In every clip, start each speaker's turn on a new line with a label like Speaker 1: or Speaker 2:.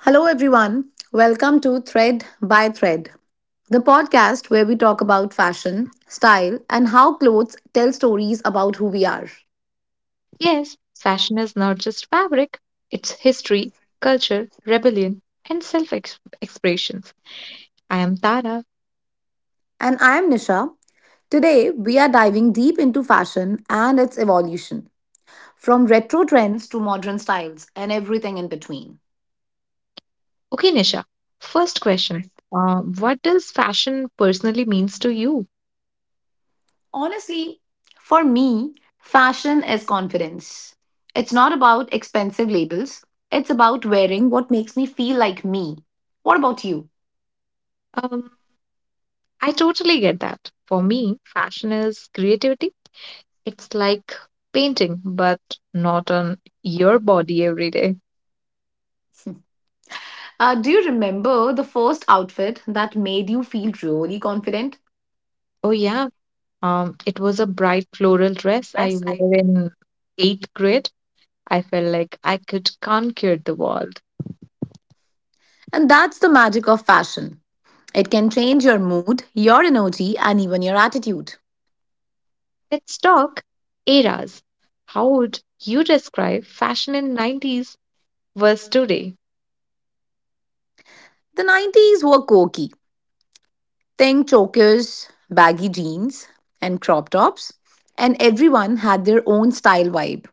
Speaker 1: Hello, everyone. Welcome to Thread by Thread, the podcast where we talk about fashion, style, and how clothes tell stories about who we are.
Speaker 2: Yes, fashion is not just fabric, it's history, culture, rebellion, and self expressions. I am Tara.
Speaker 1: And I am Nisha. Today, we are diving deep into fashion and its evolution, from retro trends to modern styles and everything in between.
Speaker 2: Okay, Nisha, first question. What does fashion personally means to you?
Speaker 1: Honestly, for me, fashion is confidence. It's not about expensive labels, it's about wearing what makes me feel like me. What about you?
Speaker 2: Um, I totally get that. For me, fashion is creativity. It's like painting, but not on your body every day.
Speaker 1: Do you remember the first outfit that made you feel really confident?
Speaker 2: Oh yeah, it was a bright floral dress I
Speaker 1: Yes, I.
Speaker 2: wore in eighth grade. I felt like I could conquer the world.
Speaker 1: And that's the magic of fashion. It can change your mood, your energy, and even your attitude.
Speaker 2: Let's talk eras. How would you describe fashion in 90s versus today?
Speaker 1: The 90s were quirky. Think chokers, baggy jeans, and crop tops, and everyone had their own style vibe.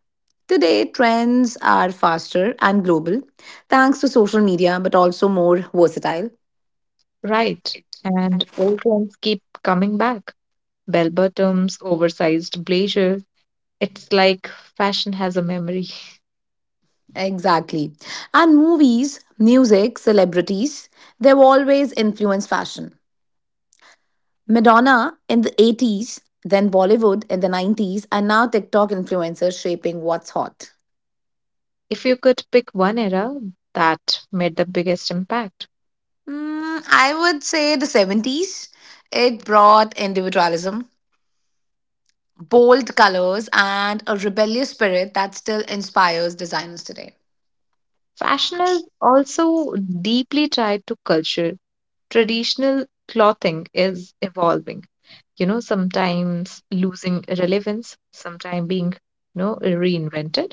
Speaker 1: Today, trends are faster and global thanks to social media, but also more versatile.
Speaker 2: Right. And old trends keep coming back. Bell bottoms, oversized blazer. It's like fashion has a memory.
Speaker 1: Exactly. And movies, music, celebrities, they've always influenced fashion. Madonna in the 80s, then Bollywood in the 90s, and now TikTok influencers shaping what's hot.
Speaker 2: If you could pick one era that made the biggest impact.
Speaker 1: Mm, I would say the 70s. It brought individualism, bold colors, and a rebellious spirit that still inspires designers today.
Speaker 2: Fashion is also deeply tied to culture. Traditional clothing is evolving, sometimes losing relevance, sometimes being, reinvented.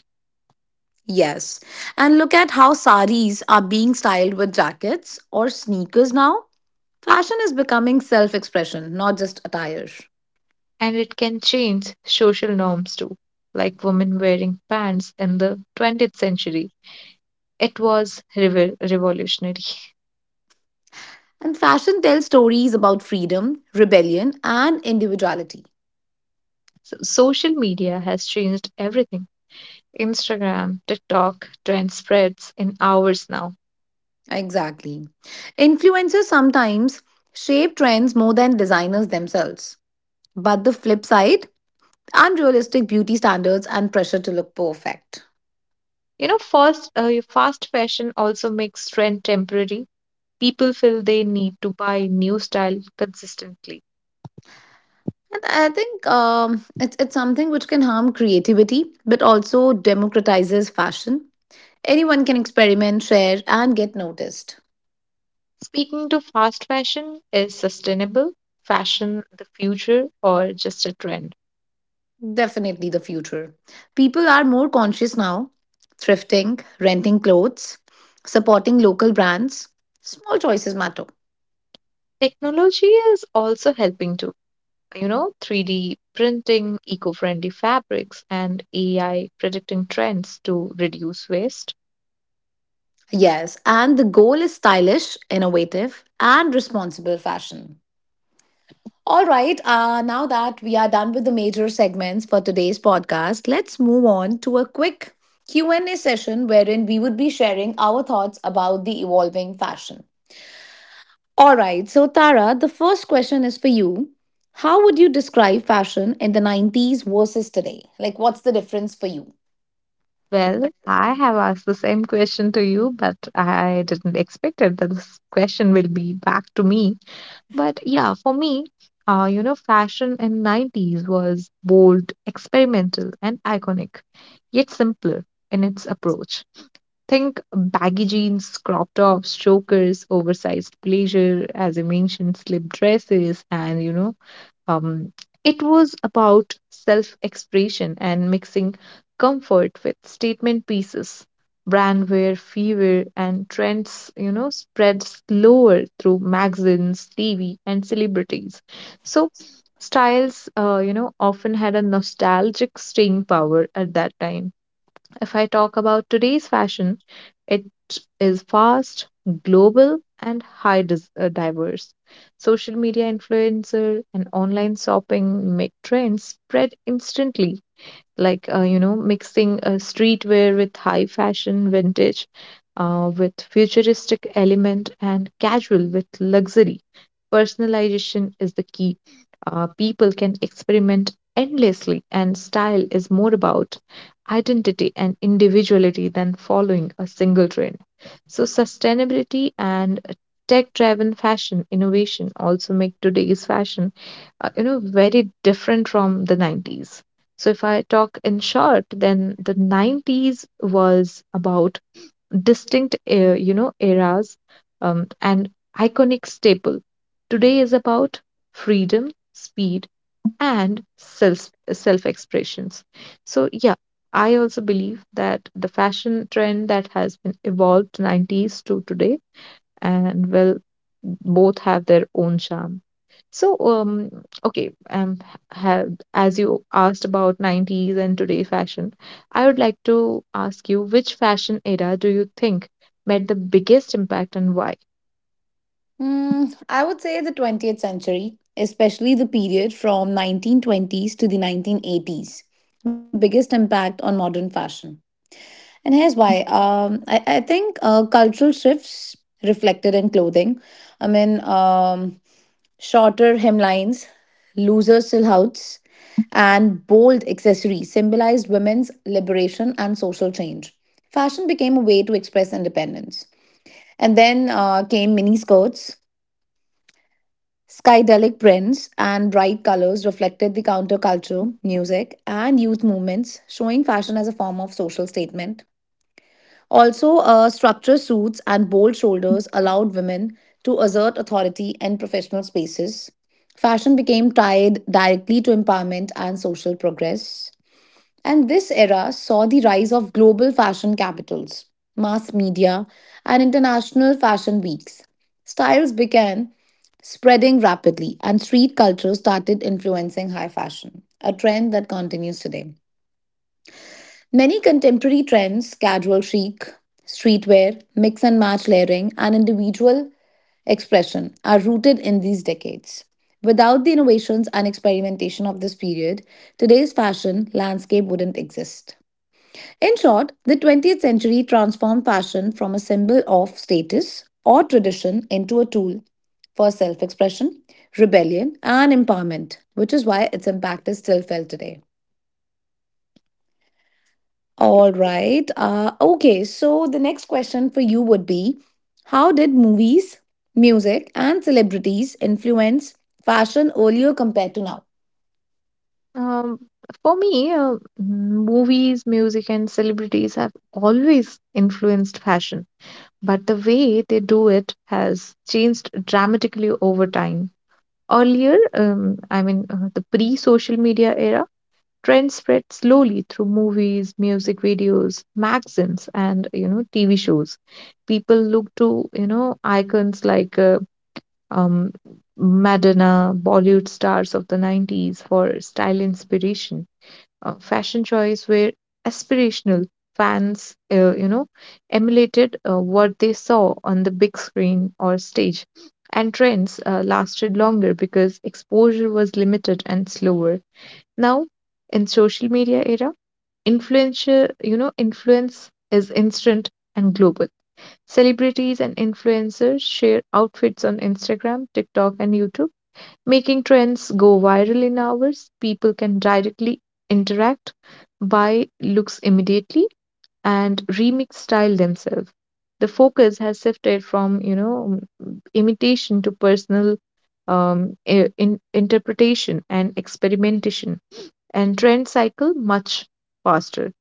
Speaker 1: Yes. And look at how saris are being styled with jackets or sneakers now. Fashion is becoming self expression, not just attire.
Speaker 2: And it can change social norms too, like women wearing pants in the 20th century. It was revolutionary.
Speaker 1: And fashion tells stories about freedom, rebellion, and individuality.
Speaker 2: So social media has changed everything. Instagram, TikTok, trend spreads in hours now.
Speaker 1: Exactly. Influencers sometimes shape trends more than designers themselves. But the flip side, unrealistic beauty standards and pressure to look perfect.
Speaker 2: You know, fast fashion also makes trend temporary. People feel they need to buy new style consistently.
Speaker 1: And I think it's something which can harm creativity, but also democratizes fashion. Anyone can experiment, share, and get noticed.
Speaker 2: Speaking to fast fashion, is sustainable fashion the future or just a trend?
Speaker 1: Definitely the future. People are more conscious now, thrifting, renting clothes, supporting local brands. Small choices matter.
Speaker 2: Technology is also helping to, 3D printing, eco friendly fabrics, and AI predicting trends to reduce waste.
Speaker 1: Yes, and the goal is stylish, innovative, and responsible fashion. All right, now that we are done with the major segments for today's podcast, let's move on to a quick Q&A session wherein we would be sharing our thoughts about the evolving fashion. All right, so Tara, the first question is for you. How would you describe fashion in the 90s versus today? Like, what's the difference for you?
Speaker 2: Well, I have asked the same question to you, but I didn't expect it that this question will be back to me. But yeah, for me, fashion in 90s was bold, experimental, and iconic, yet simpler in its approach. Think baggy jeans, crop tops, chokers, oversized blazer, as you mentioned, slip dresses, and um, it was about self expression and mixing comfort with statement pieces. Brandware, fever, and trends, spread slower through magazines, TV, and celebrities. So, styles, often had a nostalgic staying power at that time. If I talk about today's fashion, it is fast, global, and diverse. Social media influencer and online shopping make trends spread instantly, like mixing streetwear with high fashion vintage with futuristic element, and casual with luxury. Personalization is the key. People can experiment endlessly and style is more about identity and individuality than following a single trend. So sustainability and tech driven fashion innovation also make today's fashion very different from the 90s. So, if I talk in short, then the 90s was about distinct, eras, and iconic staple. Today is about freedom, speed, and self expressions. So, yeah, I also believe that the fashion trend that has been evolved 90s to today, and well, both have their own charm. So, okay, ha as you asked about 90s and today fashion, I would like to ask you which fashion era do you think made the biggest impact and why?
Speaker 1: Hmm, I would say the 20th century, especially the period from 1920s to the 1980s, made the biggest impact on modern fashion. And here's why. I think cultural shifts reflected in clothing. I mean, shorter hemlines, looser silhouettes, and bold accessories symbolized women's liberation and social change. Fashion became a way to express independence. And then came mini skirts, skydelic prints, and bright colors reflected the counterculture, music, and youth movements, showing fashion as a form of social statement. Also, structured suits and bold shoulders allowed women to assert authority in professional spaces. Fashion became tied directly to empowerment and social progress. And this era saw the rise of global fashion capitals, mass media, and international fashion weeks. Styles began spreading rapidly, and street culture started influencing high fashion, a trend that continues today. Many contemporary trends, casual chic, streetwear, mix and match layering, and individual expression, are rooted in these decades. Without the innovations and experimentation of this period, today's fashion landscape wouldn't exist. In short, the 20th century transformed fashion from a symbol of status or tradition into a tool for self expression, rebellion, and empowerment, which is why its impact is still felt today. All right. Okay, so the next question for you would be, how did movies, music, and celebrities influence fashion earlier compared to now?
Speaker 2: Um, for me, movies, music, and celebrities have always influenced fashion, but the way they do it has changed dramatically over time. Earlier, the pre-social media era, trends spread slowly through movies, music videos, magazines, and TV shows. People look to icons like um, Madonna, Bollywood stars of the 90s for style inspiration. Fashion choice were aspirational. Fans, emulated what they saw on the big screen or stage, and trends lasted longer because exposure was limited and slower. Now, in social media era, influence is instant and global. Celebrities and influencers share outfits on Instagram, TikTok, and YouTube, making trends go viral in hours. People can directly interact, buy looks immediately, and remix style themselves. The focus has shifted from, imitation to personal interpretation and experimentation, and trend cycle much faster.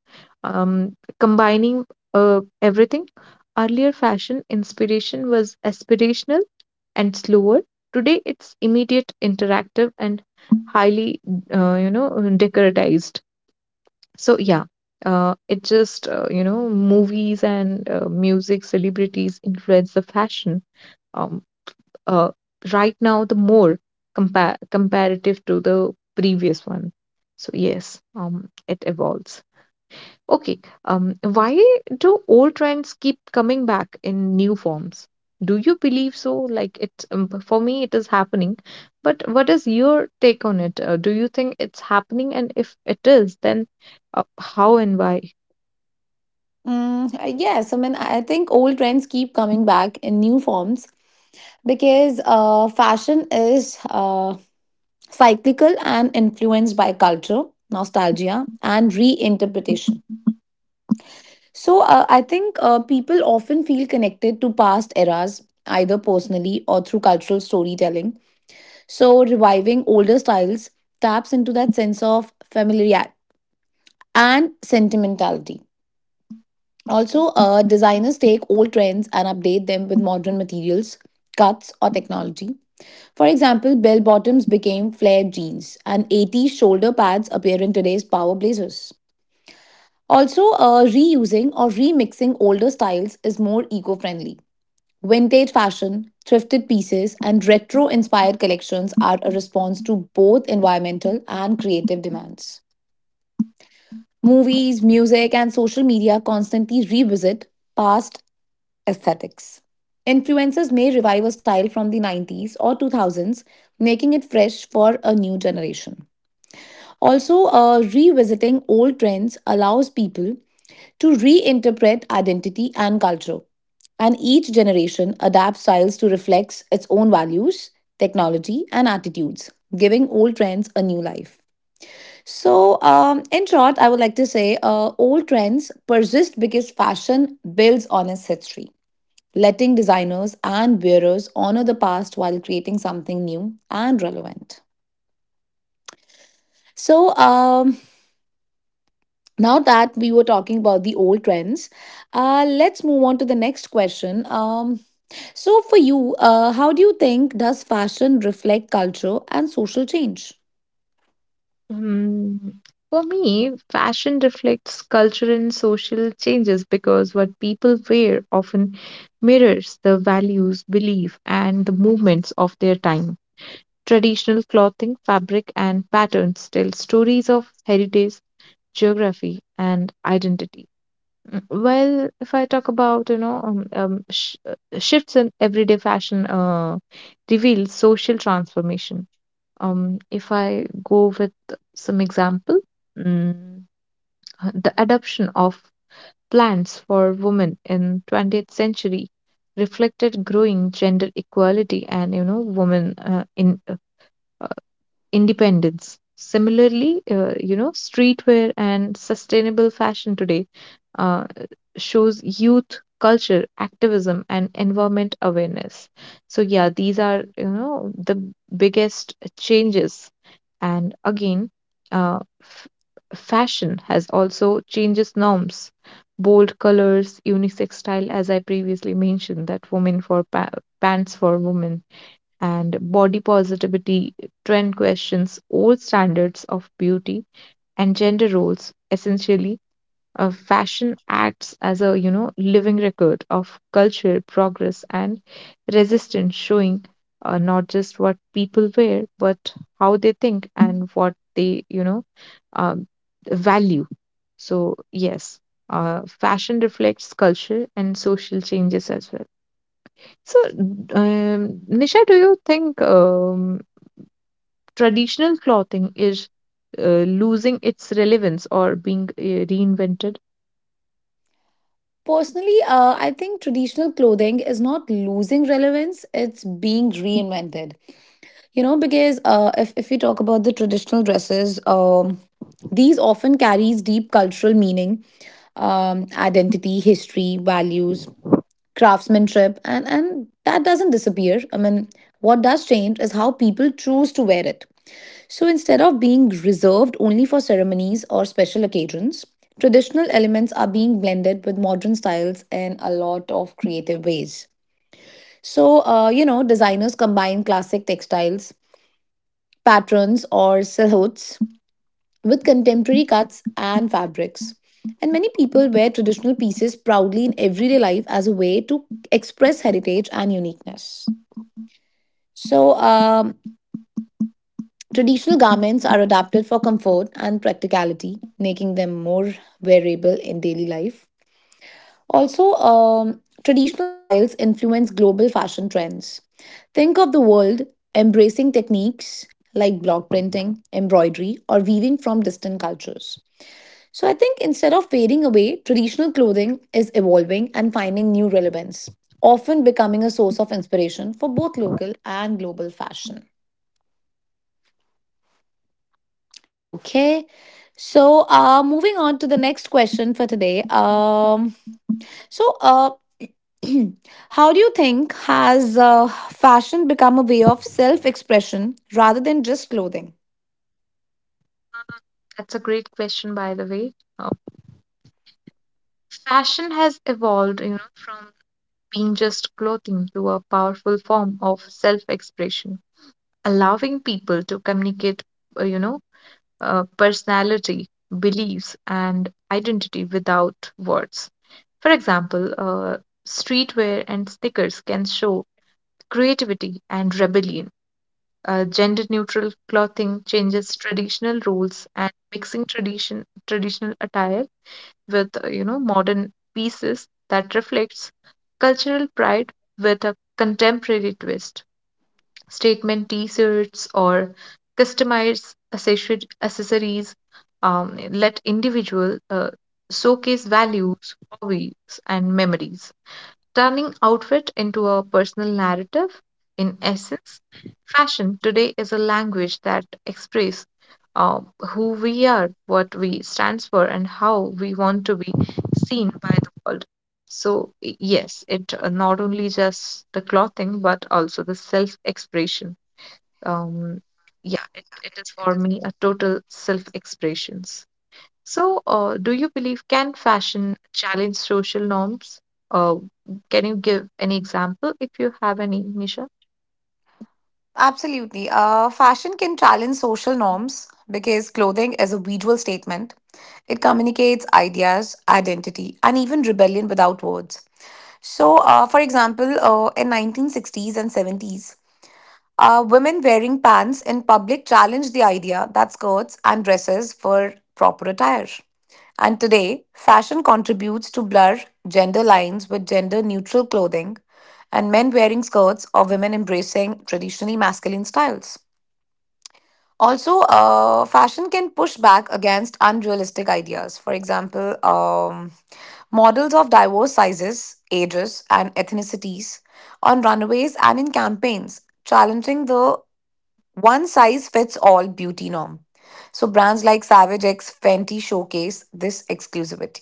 Speaker 2: Combining everything, earlier fashion inspiration was aspirational and slower. Today, it's immediate, interactive, and highly, uh, you know, decoratized. So yeah, it just movies and music, celebrities influence the fashion. Um, uh, right now the more comparative to the previous one. So yes, it evolves. Okay. Why do old trends keep coming back in new forms? Do you believe so? Like it, for me it is happening, but what is your take on it? Do you think it's happening, and if it is, then how and why?
Speaker 1: Yes, I mean, I think old trends keep coming back in new forms because fashion is cyclical and influenced by culture, nostalgia, and reinterpretation. So I think people often feel connected to past eras, either personally or through cultural storytelling. So reviving older styles taps into that sense of familiarity and sentimentality. Also, designers take old trends and update them with modern materials, cuts, or technology. For example, bell bottoms became flared jeans, and 80s shoulder pads appear in today's power blazers. Also, reusing or remixing older styles is more eco friendly. Vintage fashion, thrifted pieces, and retro inspired collections are a response to both environmental and creative demands. Movies, music, and social media constantly revisit past aesthetics. Influencers may revive a style from the 90s or 2000s, making it fresh for a new generation. Also, revisiting old trends allows people to reinterpret identity and culture. And each generation adapts styles to reflect its own values, technology, and attitudes, giving old trends a new life. So, in short, I would like to say old trends persist because fashion builds on its history, letting designers and wearers honor the past while creating something new and relevant. So, now that we were talking about the old trends, let's move on to the next question. So, for you, how do you think does fashion reflect culture and social change?
Speaker 2: Hmm. For me, fashion reflects cultural and social changes because what people wear often mirrors the values, belief, and the movements of their time. Traditional clothing, fabric, and patterns tell stories of heritage, geography, and identity. Mm, well, if I talk about, shifts in everyday fashion reveals social transformation. If I go with some example, mm, the adoption of plants for women in 20th century reflected growing gender equality, and women in independence. Similarly, streetwear and sustainable fashion today uh, shows youth culture, activism, and environment awareness. So yeah, these are the biggest changes. And again, uh, f- fashion has also changes norms. Bold colors, unisex style, as I previously mentioned, that pants for women, and body positivity trend questions old standards of beauty and gender roles essentially. Fashion acts as a living record of cultural progress and resistance, showing not just what people wear, but how they think and what they uh, value. So yes, fashion reflects culture and social changes as well. So, Nisha, do you think traditional clothing is losing its relevance or being reinvented?
Speaker 1: Personally, I think traditional clothing is not losing relevance, it's being reinvented. You know, because if we talk about the traditional dresses, these often carries deep cultural meaning, identity, history, values, craftsmanship, and that doesn't disappear. I mean, what does change is how people choose to wear it. So instead of being reserved only for ceremonies or special occasions, traditional elements are being blended with modern styles in a lot of creative ways. So you know, designers combine classic textiles, patterns or silhouettes with contemporary cuts and fabrics. And many people wear traditional pieces proudly in everyday life as a way to express heritage and uniqueness. So, traditional garments are adapted for comfort and practicality, making them more wearable in daily life. Also, traditional styles influence global fashion trends. Think of the world embracing techniques like block printing, embroidery, or weaving from distant cultures. So I think instead of fading away, traditional clothing is evolving and finding new relevance, often becoming a source of inspiration for both local and global fashion. Okay. So, moving on to the next question for today. So, uh, how do you think has fashion become a way of self expression rather than just clothing?
Speaker 2: That's a great question, by the way. Uh, fashion has evolved, from being just clothing to a powerful form of self-expression, allowing people to communicate, uh, you know, personality, beliefs, and identity without words. For example, streetwear and stickers can show creativity and rebellion. Gender neutral clothing changes traditional roles, and mixing traditional attire with modern pieces that reflects cultural pride with a contemporary twist. Statement t-shirts or accessories let individual showcase values, hobbies, and memories, turning outfit into a personal narrative. In essence, fashion today is a language that expresses uh, who we are, what we stand for, and how we want to be seen by the world. So, yes, it not only just the clothing, but also the self expression. Um, yeah, it is for me a total self expressions. So, do you believe can fashion challenge social norms? Uh, can you give any example if you have any, Nisha?
Speaker 1: Absolutely. Fashion can challenge social norms because clothing is a visual statement. It communicates ideas, identity, and even rebellion without words. So, for example, in 1960s and 70s, women wearing pants in public challenge the idea that skirts and dresses were proper attire. And today, fashion contributes to blur gender lines with gender neutral clothing and men wearing skirts or women embracing traditionally masculine styles. Also, fashion can push back against unrealistic ideas. For example, models of diverse sizes, ages, and ethnicities on runways and in campaigns, challenging the one size fits all beauty norm. So brands like Savage X, Fenty showcase this exclusivity.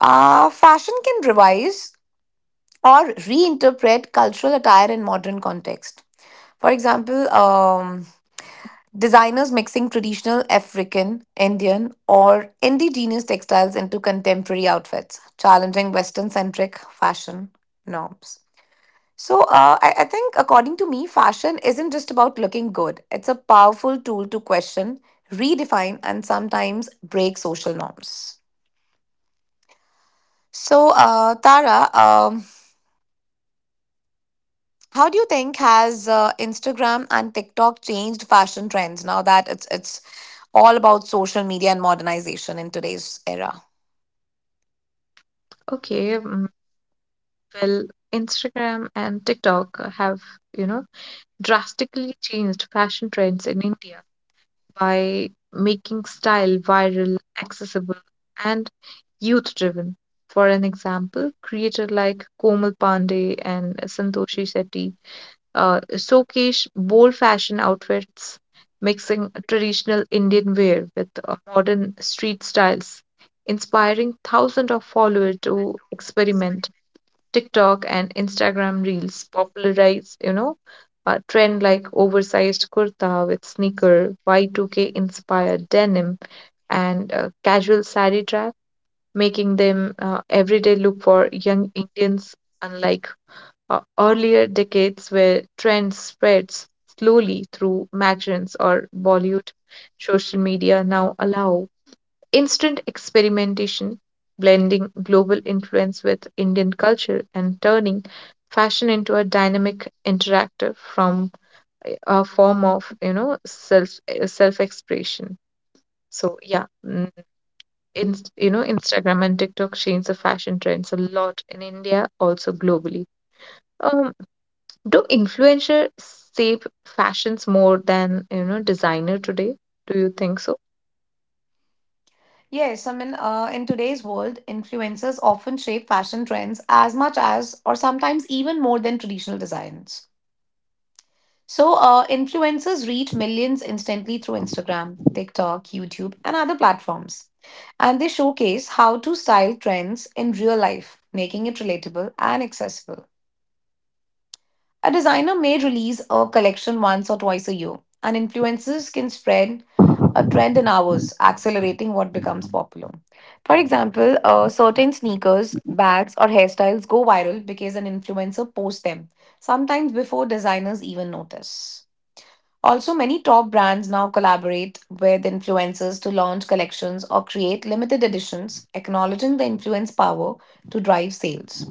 Speaker 1: Fashion can revise or reinterpret cultural attire in modern context. For example, designers mixing traditional African, Indian, or indigenous textiles into contemporary outfits, challenging Western centric fashion norms. So, I think according to me, fashion isn't just about looking good. It's a powerful tool to question, redefine, and sometimes break social norms. So, Tara, how do you think has Instagram and TikTok changed fashion trends now that it's all about social media and modernization in today's era?
Speaker 2: Okay, well, Instagram and TikTok have, you know, drastically changed fashion trends in India by making style viral, accessible, and youth-driven. For an example, creator like Komal Pandey and Santoshi Shetty showcase bold fashion outfits, mixing traditional Indian wear with modern street styles, inspiring thousands of followers to experiment. TikTok and Instagram Reels popularized, a trend like oversized kurta with sneaker, Y2K inspired denim, and casual sari trap, making them everyday look for young Indians. Unlike earlier decades where trend spreads slowly through magazines or Bollywood, social media now allow instant experimentation, blending global influence with Indian culture and turning fashion into a dynamic interactive from a form of self expression. So yeah, mm, in, you know Instagram and TikTok change the fashion trends a lot in India, also globally. Um, do influencer shape fashions more than, designer today? Do you think so?
Speaker 1: Yes, I mean, in today's world, influencers often shape fashion trends as much as, or sometimes even more than traditional designs. So, influencers reach millions instantly through Instagram, TikTok, YouTube, and other platforms. And they showcase how to style trends in real life, making it relatable and accessible. A designer may release a collection once or twice a year, and influencers can spread a trend in hours, accelerating what becomes popular. For example, certain sneakers, bags, or hairstyles go viral because an influencer posts them, sometimes before designers even notice. Also, many top brands now collaborate with influencers to launch collections or create limited editions, acknowledging the influence power to drive sales.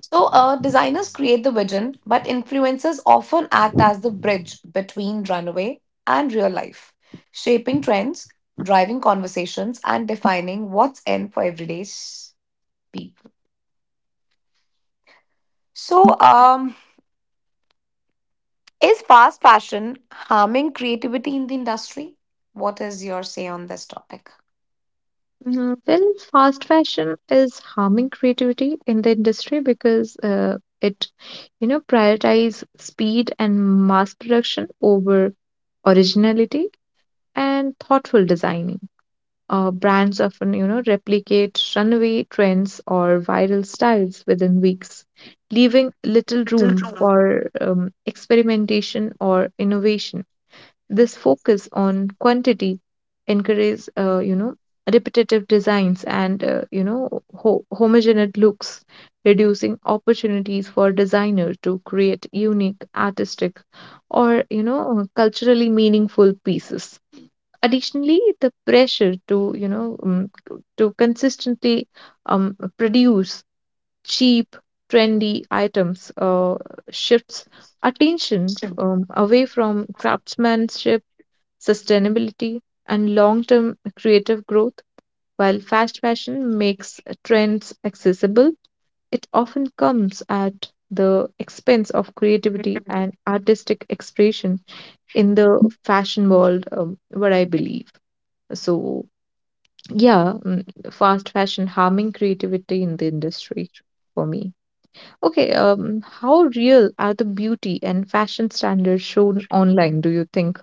Speaker 1: So, designers create the vision, but influencers often act as the bridge between runway and real life, shaping trends, driving conversations, and defining what's in for everyday people. So, is fast fashion harming creativity in the industry? What is your say on this topic?
Speaker 2: Well, fast fashion is harming creativity in the industry because it, prioritize speed and mass production over originality and thoughtful designing. Brands often, replicate runway trends or viral styles within weeks, leaving little room for experimentation or innovation. This focus on quantity encourages, repetitive designs and, homogeneous looks, reducing opportunities for designers to create unique, artistic, or, culturally meaningful pieces. Additionally, the pressure to, consistently produce cheap, trendy items shifts attention away from craftsmanship, sustainability, and long term creative growth. While fast fashion makes trends accessible, it often comes at the expense of creativity and artistic expression in the fashion world, what I believe. So, yeah, fast fashion harming creativity in the industry for me. Okay, how real are the beauty and fashion standards shown online, do you think?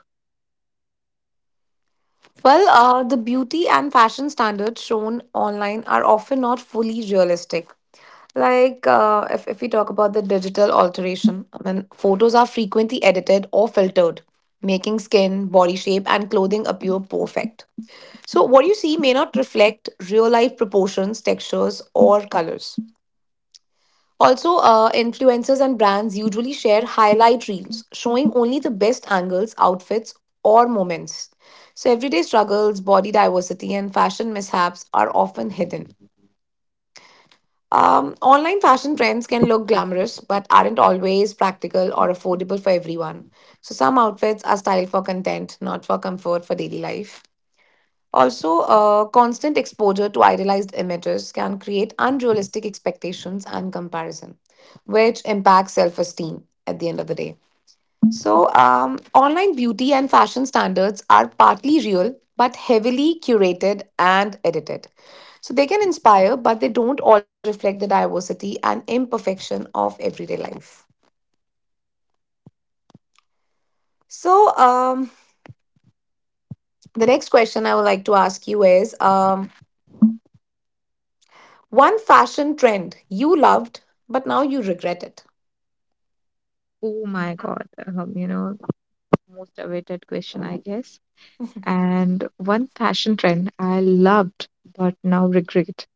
Speaker 1: Well, the beauty and fashion standards shown online are often not fully realistic. Like, if we talk about the digital alteration, I mean, photos are frequently edited or filtered, making skin, body shape, and clothing appear perfect. So, what you see may not reflect real life proportions, textures, or colors. Also, influencers and brands usually share highlight reels, showing only the best angles, outfits, or moments. So, everyday struggles, body diversity, and fashion mishaps are often hidden. Online fashion trends can look glamorous but aren't always practical or affordable for everyone. So, some outfits are styled for content, not for comfort for daily life. Also, constant exposure to idealized images can create unrealistic expectations and comparison, which impacts self esteem at the end of the day. Online beauty and fashion standards are partly real but heavily curated and edited. So, they can inspire, but they don't always reflect the diversity and imperfection of everyday life. So, um, the next question I would like to ask you is one fashion trend you loved, but now you regret it.
Speaker 2: Oh my God, most awaited question, I guess. And one fashion trend I loved but now regret,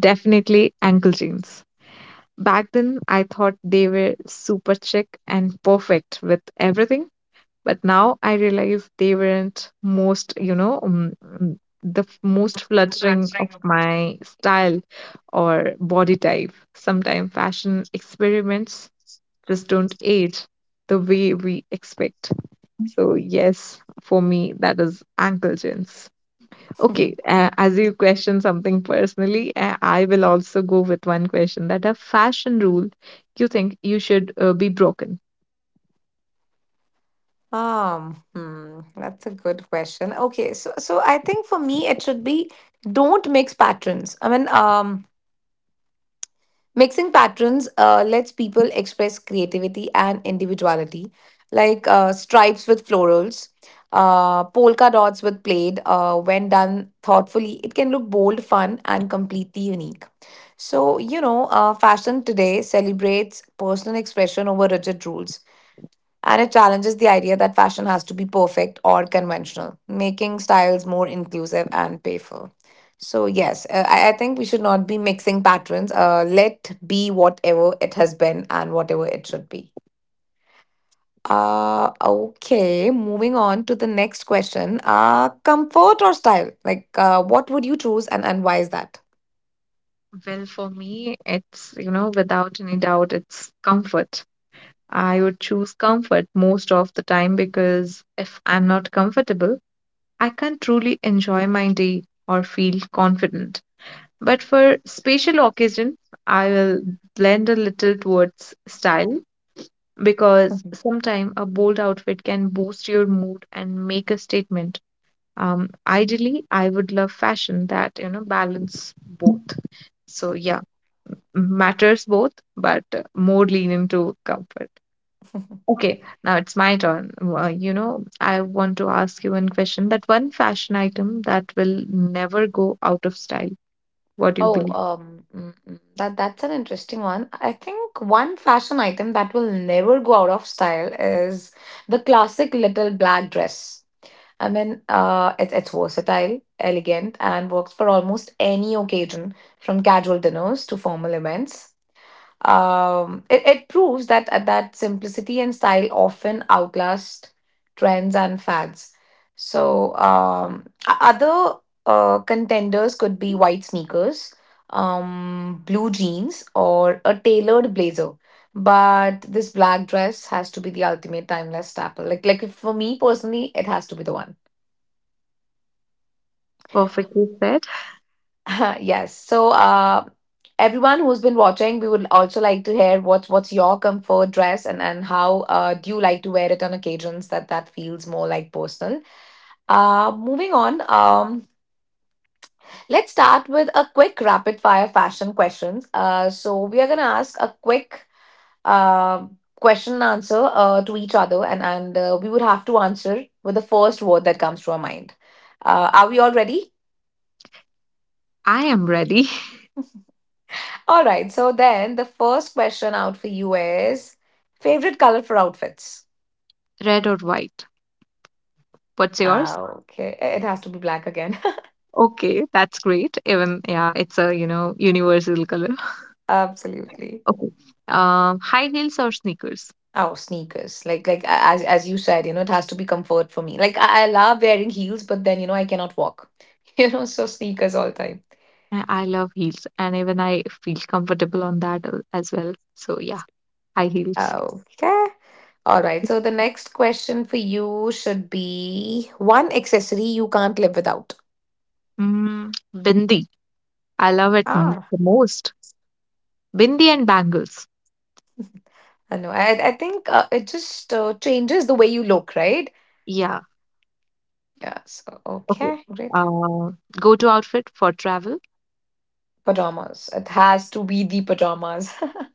Speaker 2: definitely ankle jeans. Back then, I thought they were super chic and perfect with everything, but now I realize they weren't most, most flattering of my style or body type. Sometimes fashion experiments just don't age the way we expect. So, yes, for me, that is ankle gins. Okay, as you question something personally, I will also go with one question that a fashion rule you think you should be broken.
Speaker 1: That's a good question. Okay, so I think for me it should be, don't mix patterns. I mean, mixing patterns lets people express creativity and individuality, like stripes with florals, polka dots with plaid. When done thoughtfully, it can look bold, fun, and completely unique. So, you know, fashion today celebrates personal expression over rigid rules. And it challenges the idea that fashion has to be perfect or conventional, making styles more inclusive and playful. So, yes, I think we should not be mixing patterns. Let be whatever it has been and whatever it should be. Okay, moving on to the next question. Comfort or style? Like, what would you choose, and why is that?
Speaker 2: Well, for me, it's without any doubt, it's comfort. I would choose comfort most of the time because if I'm not comfortable, I can't truly enjoy my day or feel confident. But for special occasion, I will blend a little towards style because sometimes a bold outfit can boost your mood and make a statement. Ideally, I would love fashion that, balance both. So yeah, matters both, but more leaning to comfort. Okay, now it's my turn. You know, I want to ask you one question. That one fashion item that will never go out of style. What do you
Speaker 1: Oh,
Speaker 2: believe?
Speaker 1: that 's an interesting one. I think one fashion item that will never go out of style is the classic little black dress. I mean, it's versatile, elegant, and works for almost any occasion, from casual dinners to formal events. It proves that that simplicity and style often outlast trends and fads. Other contenders could be white sneakers, blue jeans, or a tailored blazer. But this black dress has to be the ultimate timeless staple. Like for me personally, it has to be the one.
Speaker 2: Perfectly said.
Speaker 1: Yes. So, everyone who's been watching, we would also like to hear what's your comfort dress and how do you like to wear it on occasions that feels more like personal. Moving on. Let's start with a quick rapid fire fashion questions. So we are gonna ask a quick question and answer to each other, and we would have to answer with the first word that comes to our mind. Are we all ready?
Speaker 2: I am ready.
Speaker 1: All right. So then the first question out for you is favorite color for outfits.
Speaker 2: Red or white? What's
Speaker 1: Ah,
Speaker 2: yours?
Speaker 1: okay. It has to be black again.
Speaker 2: Okay, that's great. Even, yeah, it's a, universal color.
Speaker 1: Absolutely.
Speaker 2: Okay. High heels or sneakers?
Speaker 1: Oh, sneakers. As as you said, you know, it has to be comfort for me. I love wearing heels, but then you know I cannot walk. You know, so sneakers all the time.
Speaker 2: I love heels, and even I feel comfortable on that as well. So yeah, high heels.
Speaker 1: Okay. All right. So the next question for you should be one accessory you can't live without.
Speaker 2: Mm, bindi. I love it m
Speaker 1: Ah,
Speaker 2: the most. Bindi and bangles.
Speaker 1: I know. I think it just changes the way you look, right?
Speaker 2: Yeah.
Speaker 1: Yeah, so
Speaker 2: Okay.
Speaker 1: okay, great.
Speaker 2: Uh, Go-to outfit for travel.
Speaker 1: Pajamas. It has to be the pajamas.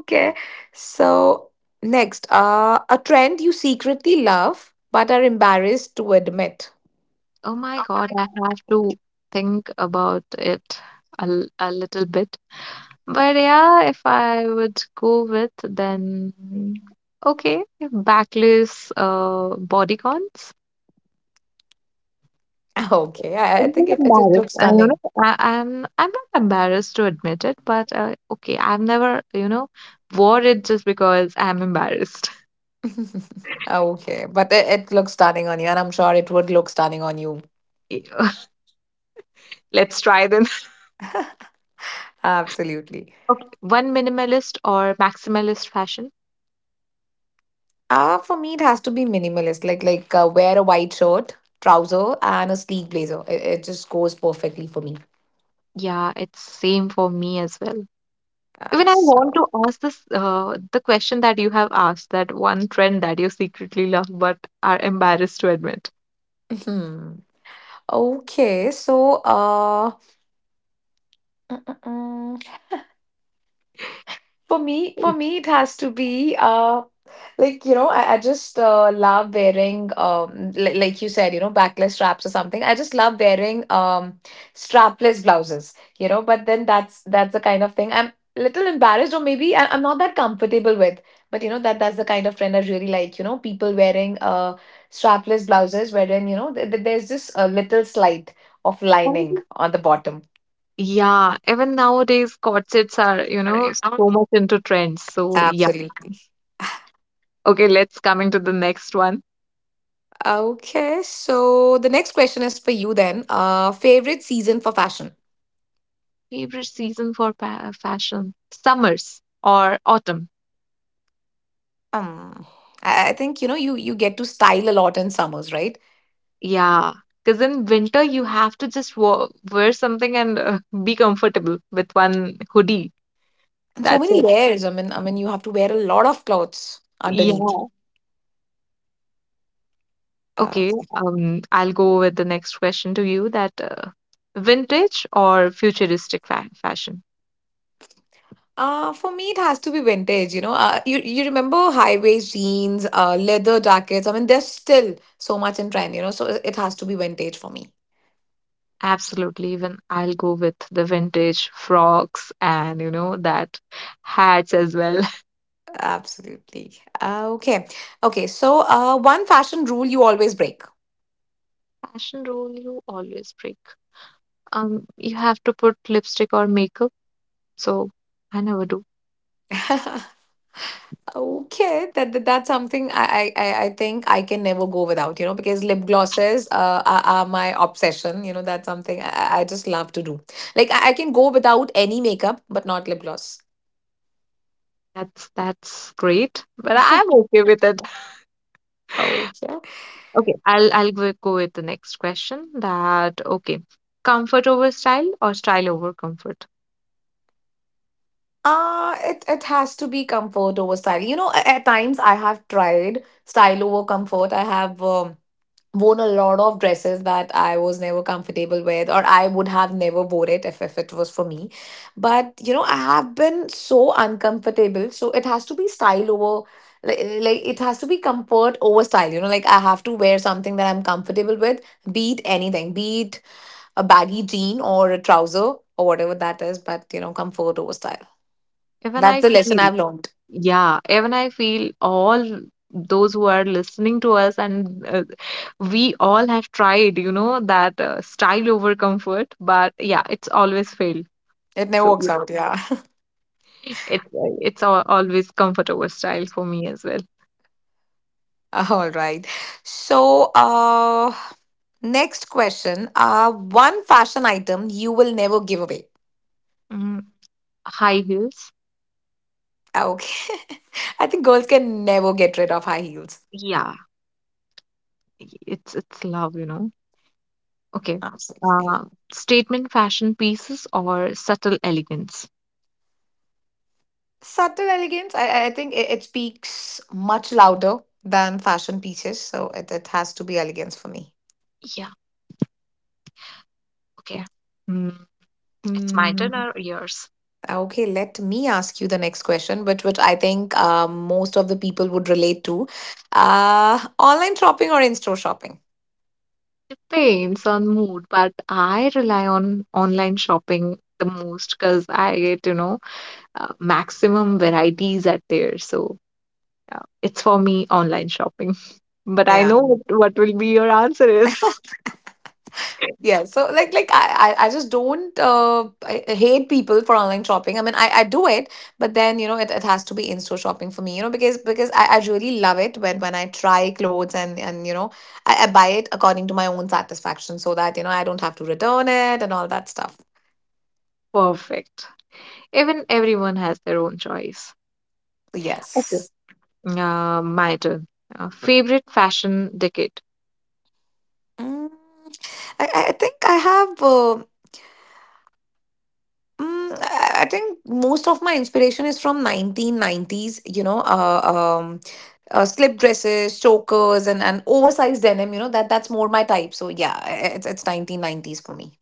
Speaker 1: Okay, so next, a trend you secretly love but are embarrassed to admit.
Speaker 2: Oh my God, I have to think about it a little bit. But yeah, if I would go with then okay, backless bodycons.
Speaker 1: Okay, I
Speaker 2: I'm
Speaker 1: think
Speaker 2: not
Speaker 1: it looks
Speaker 2: embarrassed. I, you
Speaker 1: stunning.
Speaker 2: know, I, I'm not embarrassed to admit it, but okay, I've never, wore it just because I'm embarrassed.
Speaker 1: Okay, but it looks stunning on you, and I'm sure it would look stunning on you.
Speaker 2: Yeah, let's try then.
Speaker 1: Absolutely.
Speaker 2: Okay, one minimalist or maximalist fashion.
Speaker 1: For me, it has to be minimalist, like wear a white shirt, trouser, and a sleek blazer. It just goes perfectly for me.
Speaker 2: Yeah, it's same for me as well.
Speaker 1: Uh,
Speaker 2: Even I want
Speaker 1: so.
Speaker 2: to ask this the question that you have asked, that one trend that you secretly love but are embarrassed to admit.
Speaker 1: Okay, so mm, mm, mm. For me, it has to be like, I just love wearing like you said, you know, backless straps or something. I just love wearing strapless blouses, you know. But then that's the kind of thing I'm little embarrassed, or maybe I'm not that comfortable with. But you know that 's the kind of trend I really like. You know, people wearing strapless blouses, wherein you know there's this little slight of lining
Speaker 2: Um,
Speaker 1: on the bottom
Speaker 2: Yeah, even nowadays corsets are,
Speaker 1: you know?
Speaker 2: so much into trends. So yeah.
Speaker 1: Absolutely.
Speaker 2: Okay, let's coming to the next one.
Speaker 1: Okay, so the next question is for you then. Favorite season for fashion?
Speaker 2: Favorite season for pa fashion? Summers or autumn?
Speaker 1: Um, I think you know you you get to style a lot in summers, right?
Speaker 2: Yeah, because in winter you have to just wa wear something and be comfortable with one hoodie.
Speaker 1: And so
Speaker 2: That's
Speaker 1: many layers. I mean, you have to wear a lot of clothes
Speaker 2: it.
Speaker 1: underneath. Uh,
Speaker 2: Okay,
Speaker 1: okay.
Speaker 2: I'll go with the next question to you that vintage or futuristic fa fashion?
Speaker 1: For me, it has to be vintage. You know, you you remember high waist jeans, leather jackets. I mean, there's still so much in trend. You know, so it has to be vintage for me.
Speaker 2: Absolutely, even I'll go with the vintage frocks and you know that hats as well.
Speaker 1: Absolutely. Uh, okay. Okay. So, one fashion rule you always break.
Speaker 2: Fashion rule you always break. You have to put lipstick or makeup, so I never do.
Speaker 1: Okay, that, that's something I think I can never go without, you know, because lip glosses are my obsession. You know, that's something I just love to do. I can go without any makeup, but not lip gloss.
Speaker 2: That's great, but I'm okay with it.
Speaker 1: Okay.
Speaker 2: Okay, I'll go with the next question that okay, comfort over style or style over comfort?
Speaker 1: It has to be comfort over style. You know, at times I have tried style over comfort. I have worn a lot of dresses that I was never comfortable with, or I would have never wore it if it was for me. But you know, I have been so uncomfortable. So it has to be style over like it has to be comfort over style. You know, like I have to wear something that I'm comfortable with, be it anything, be it a baggy jean or a trouser or whatever that is, but you know, comfort over style.
Speaker 2: Even
Speaker 1: That's
Speaker 2: I
Speaker 1: the lesson
Speaker 2: feel,
Speaker 1: I've learned.
Speaker 2: yeah, even I feel all those who are listening to us, and we all have tried, that style over comfort, but yeah, it's always failed.
Speaker 1: It never
Speaker 2: So
Speaker 1: works
Speaker 2: yeah,
Speaker 1: out, yeah.
Speaker 2: it always comfort over style for me as well.
Speaker 1: All right. So, next question. One fashion item you will never give away.
Speaker 2: Mm, high heels,
Speaker 1: Ah, okay. I think girls can never get rid of high heels.
Speaker 2: yeah, it's love, you know. Okay,
Speaker 1: Absolutely.
Speaker 2: uh, statement fashion pieces or subtle elegance.
Speaker 1: Subtle elegance, I think it speaks much louder than fashion pieces. So it has to be elegance for me.
Speaker 2: Yeah, okay. Mm, it's my turn
Speaker 1: Mm,
Speaker 2: or yours?
Speaker 1: okay, let me ask you the next question, which I think most of the people would relate to. Online shopping or in-store shopping?
Speaker 2: Depends on mood, but I rely on online shopping the most because I get, maximum varieties at there. So it's for me online shopping. But I
Speaker 1: Yeah.
Speaker 2: know what will be your answer is.
Speaker 1: Yeah, so I just don't I hate people for online shopping. I mean, I do it, but then you know it has to be in-store shopping for me, you know, because I really love it when I try clothes and you know I buy it according to my own satisfaction so that you know I don't have to return it and all that stuff.
Speaker 2: Perfect. Even everyone has their own choice. Okay.
Speaker 1: Yes.
Speaker 2: My turn. Favorite fashion decade.
Speaker 1: Mm, I think I have Mm, I think most of my inspiration is from 1990s, you know, slip dresses, chokers, and oversized denim, you know, that's more my type. So yeah, it's 1990s for me.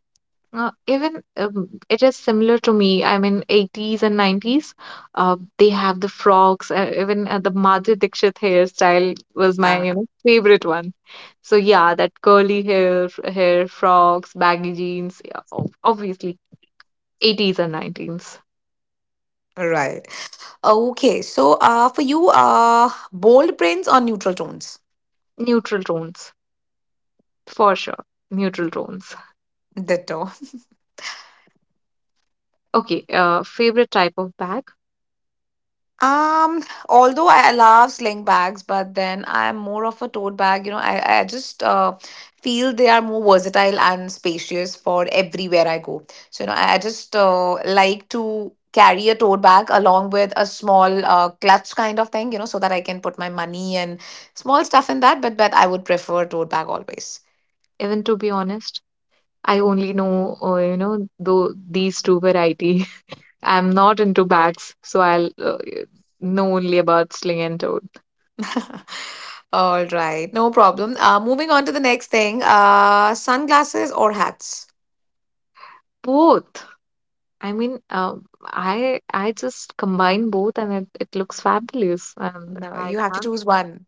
Speaker 2: Even it is similar to me. I mean, 80s and 90s, they have the frocks. Even the Madhuri Dixit hairstyle was my,
Speaker 1: Ah,
Speaker 2: favorite one. So yeah, that curly hair, hair frocks, baggy jeans. Yeah, obviously, 80s and 90s.
Speaker 1: right. Okay, so for you, bold prints or neutral tones?
Speaker 2: Neutral tones, for sure. Neutral tones.
Speaker 1: Ditto.
Speaker 2: Okay, favorite type of bag.
Speaker 1: Um, Although I love sling bags, but then I am more of a tote bag. You know, I just feel they are more versatile and spacious for everywhere I go. So, you know, I just like to carry a tote bag along with a small clutch kind of thing, you know, so that I can put my money and small stuff in that. But I would prefer tote bag always.
Speaker 2: Even to be honest, I only know, though these two variety. I'm not into bags, so I'll know only about sling and tote.
Speaker 1: All right, no problem. Moving on to the next thing, sunglasses or hats?
Speaker 2: Both. I mean, I just combine both, and it looks fabulous. And
Speaker 1: No,
Speaker 2: I
Speaker 1: you have to
Speaker 2: can't.
Speaker 1: choose one.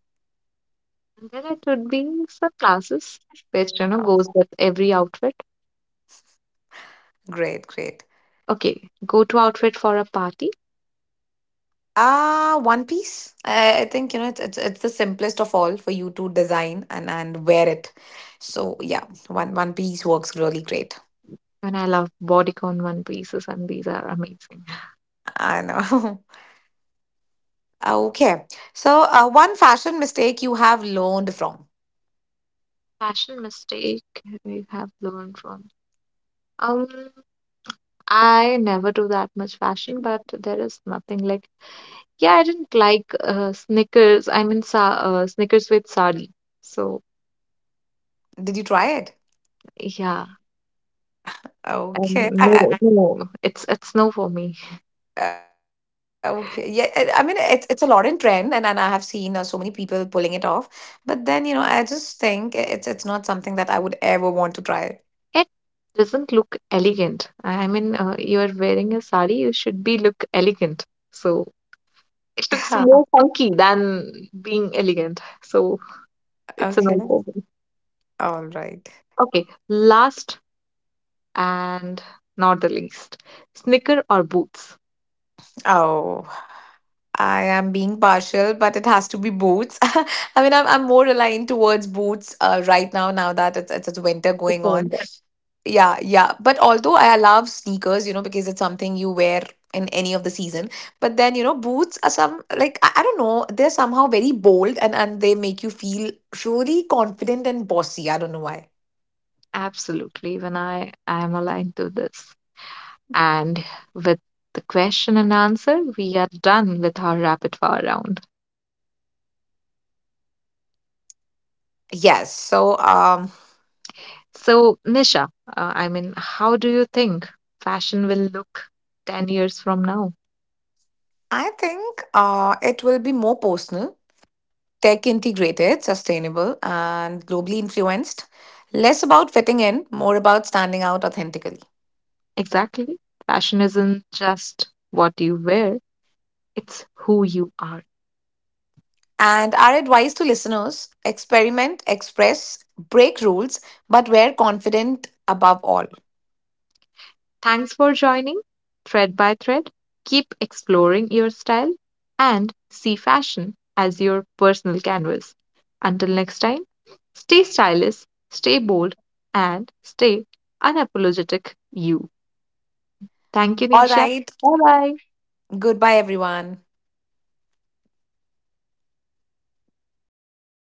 Speaker 2: And then it would be sunglasses, which you know
Speaker 1: Oh.
Speaker 2: goes with every outfit.
Speaker 1: Great, great.
Speaker 2: Okay, go-to outfit for a party,
Speaker 1: Ah, One Piece. I think you know it's it's the simplest of all for you to design and wear it. So yeah, one One Piece works really great.
Speaker 2: and I love bodycon one pieces, and these are amazing.
Speaker 1: I know. Okay. So one fashion mistake you have learned from.
Speaker 2: Fashion mistake you have learned from. Um, I never do that much fashion, but there is nothing like yeah, I didn't like Snickers. I mean, sa Snickers with sardine. So
Speaker 1: Did you try it?
Speaker 2: yeah, and
Speaker 1: Okay.
Speaker 2: no, no, it's no for me.
Speaker 1: Okay. Yeah. I mean, it's a lot in trend, and I have seen so many people pulling it off. But then you know, I just think it's not something that I would ever want to try.
Speaker 2: It doesn't look elegant. I mean, you are wearing a sari, you should be look elegant. So it looks more funky than being elegant. So it's a no
Speaker 1: okay.
Speaker 2: for me.
Speaker 1: All right.
Speaker 2: Okay, last and not the least, Snicker or boots.
Speaker 1: Oh, I am being partial, but it has to be boots. I mean, I'm more aligned towards boots right now, now that it's winter
Speaker 2: It's
Speaker 1: going
Speaker 2: a
Speaker 1: on.
Speaker 2: no.
Speaker 1: Yeah, yeah. But although I love sneakers, you know, because it's something you wear in any of the season. But then, you know, boots are some, like, I don't know, they're somehow very bold and they make you feel really confident and bossy. I don't know why.
Speaker 2: Absolutely, even I am aligned to this. And with the question and answer, we are done with our rapid fire round.
Speaker 1: Yes. So,
Speaker 2: So, Nisha, I mean, how do you think fashion will look 10 years from now?
Speaker 1: I think it will be more personal tech integrated, sustainable, and globally influenced, less about fitting in, more about standing out authentically.
Speaker 2: Exactly. Fashion isn't just what you wear, it's who you are.
Speaker 1: And our advice to listeners experiment, express, break rules, but we're confident above all.
Speaker 2: Thanks for joining Thread by Thread. Keep exploring your style and see fashion as your personal canvas. Until next time, stay stylish, stay bold, and stay unapologetic you. Thank you,
Speaker 1: All
Speaker 2: Nisha.
Speaker 1: right,
Speaker 2: Bye bye.
Speaker 1: goodbye, everyone.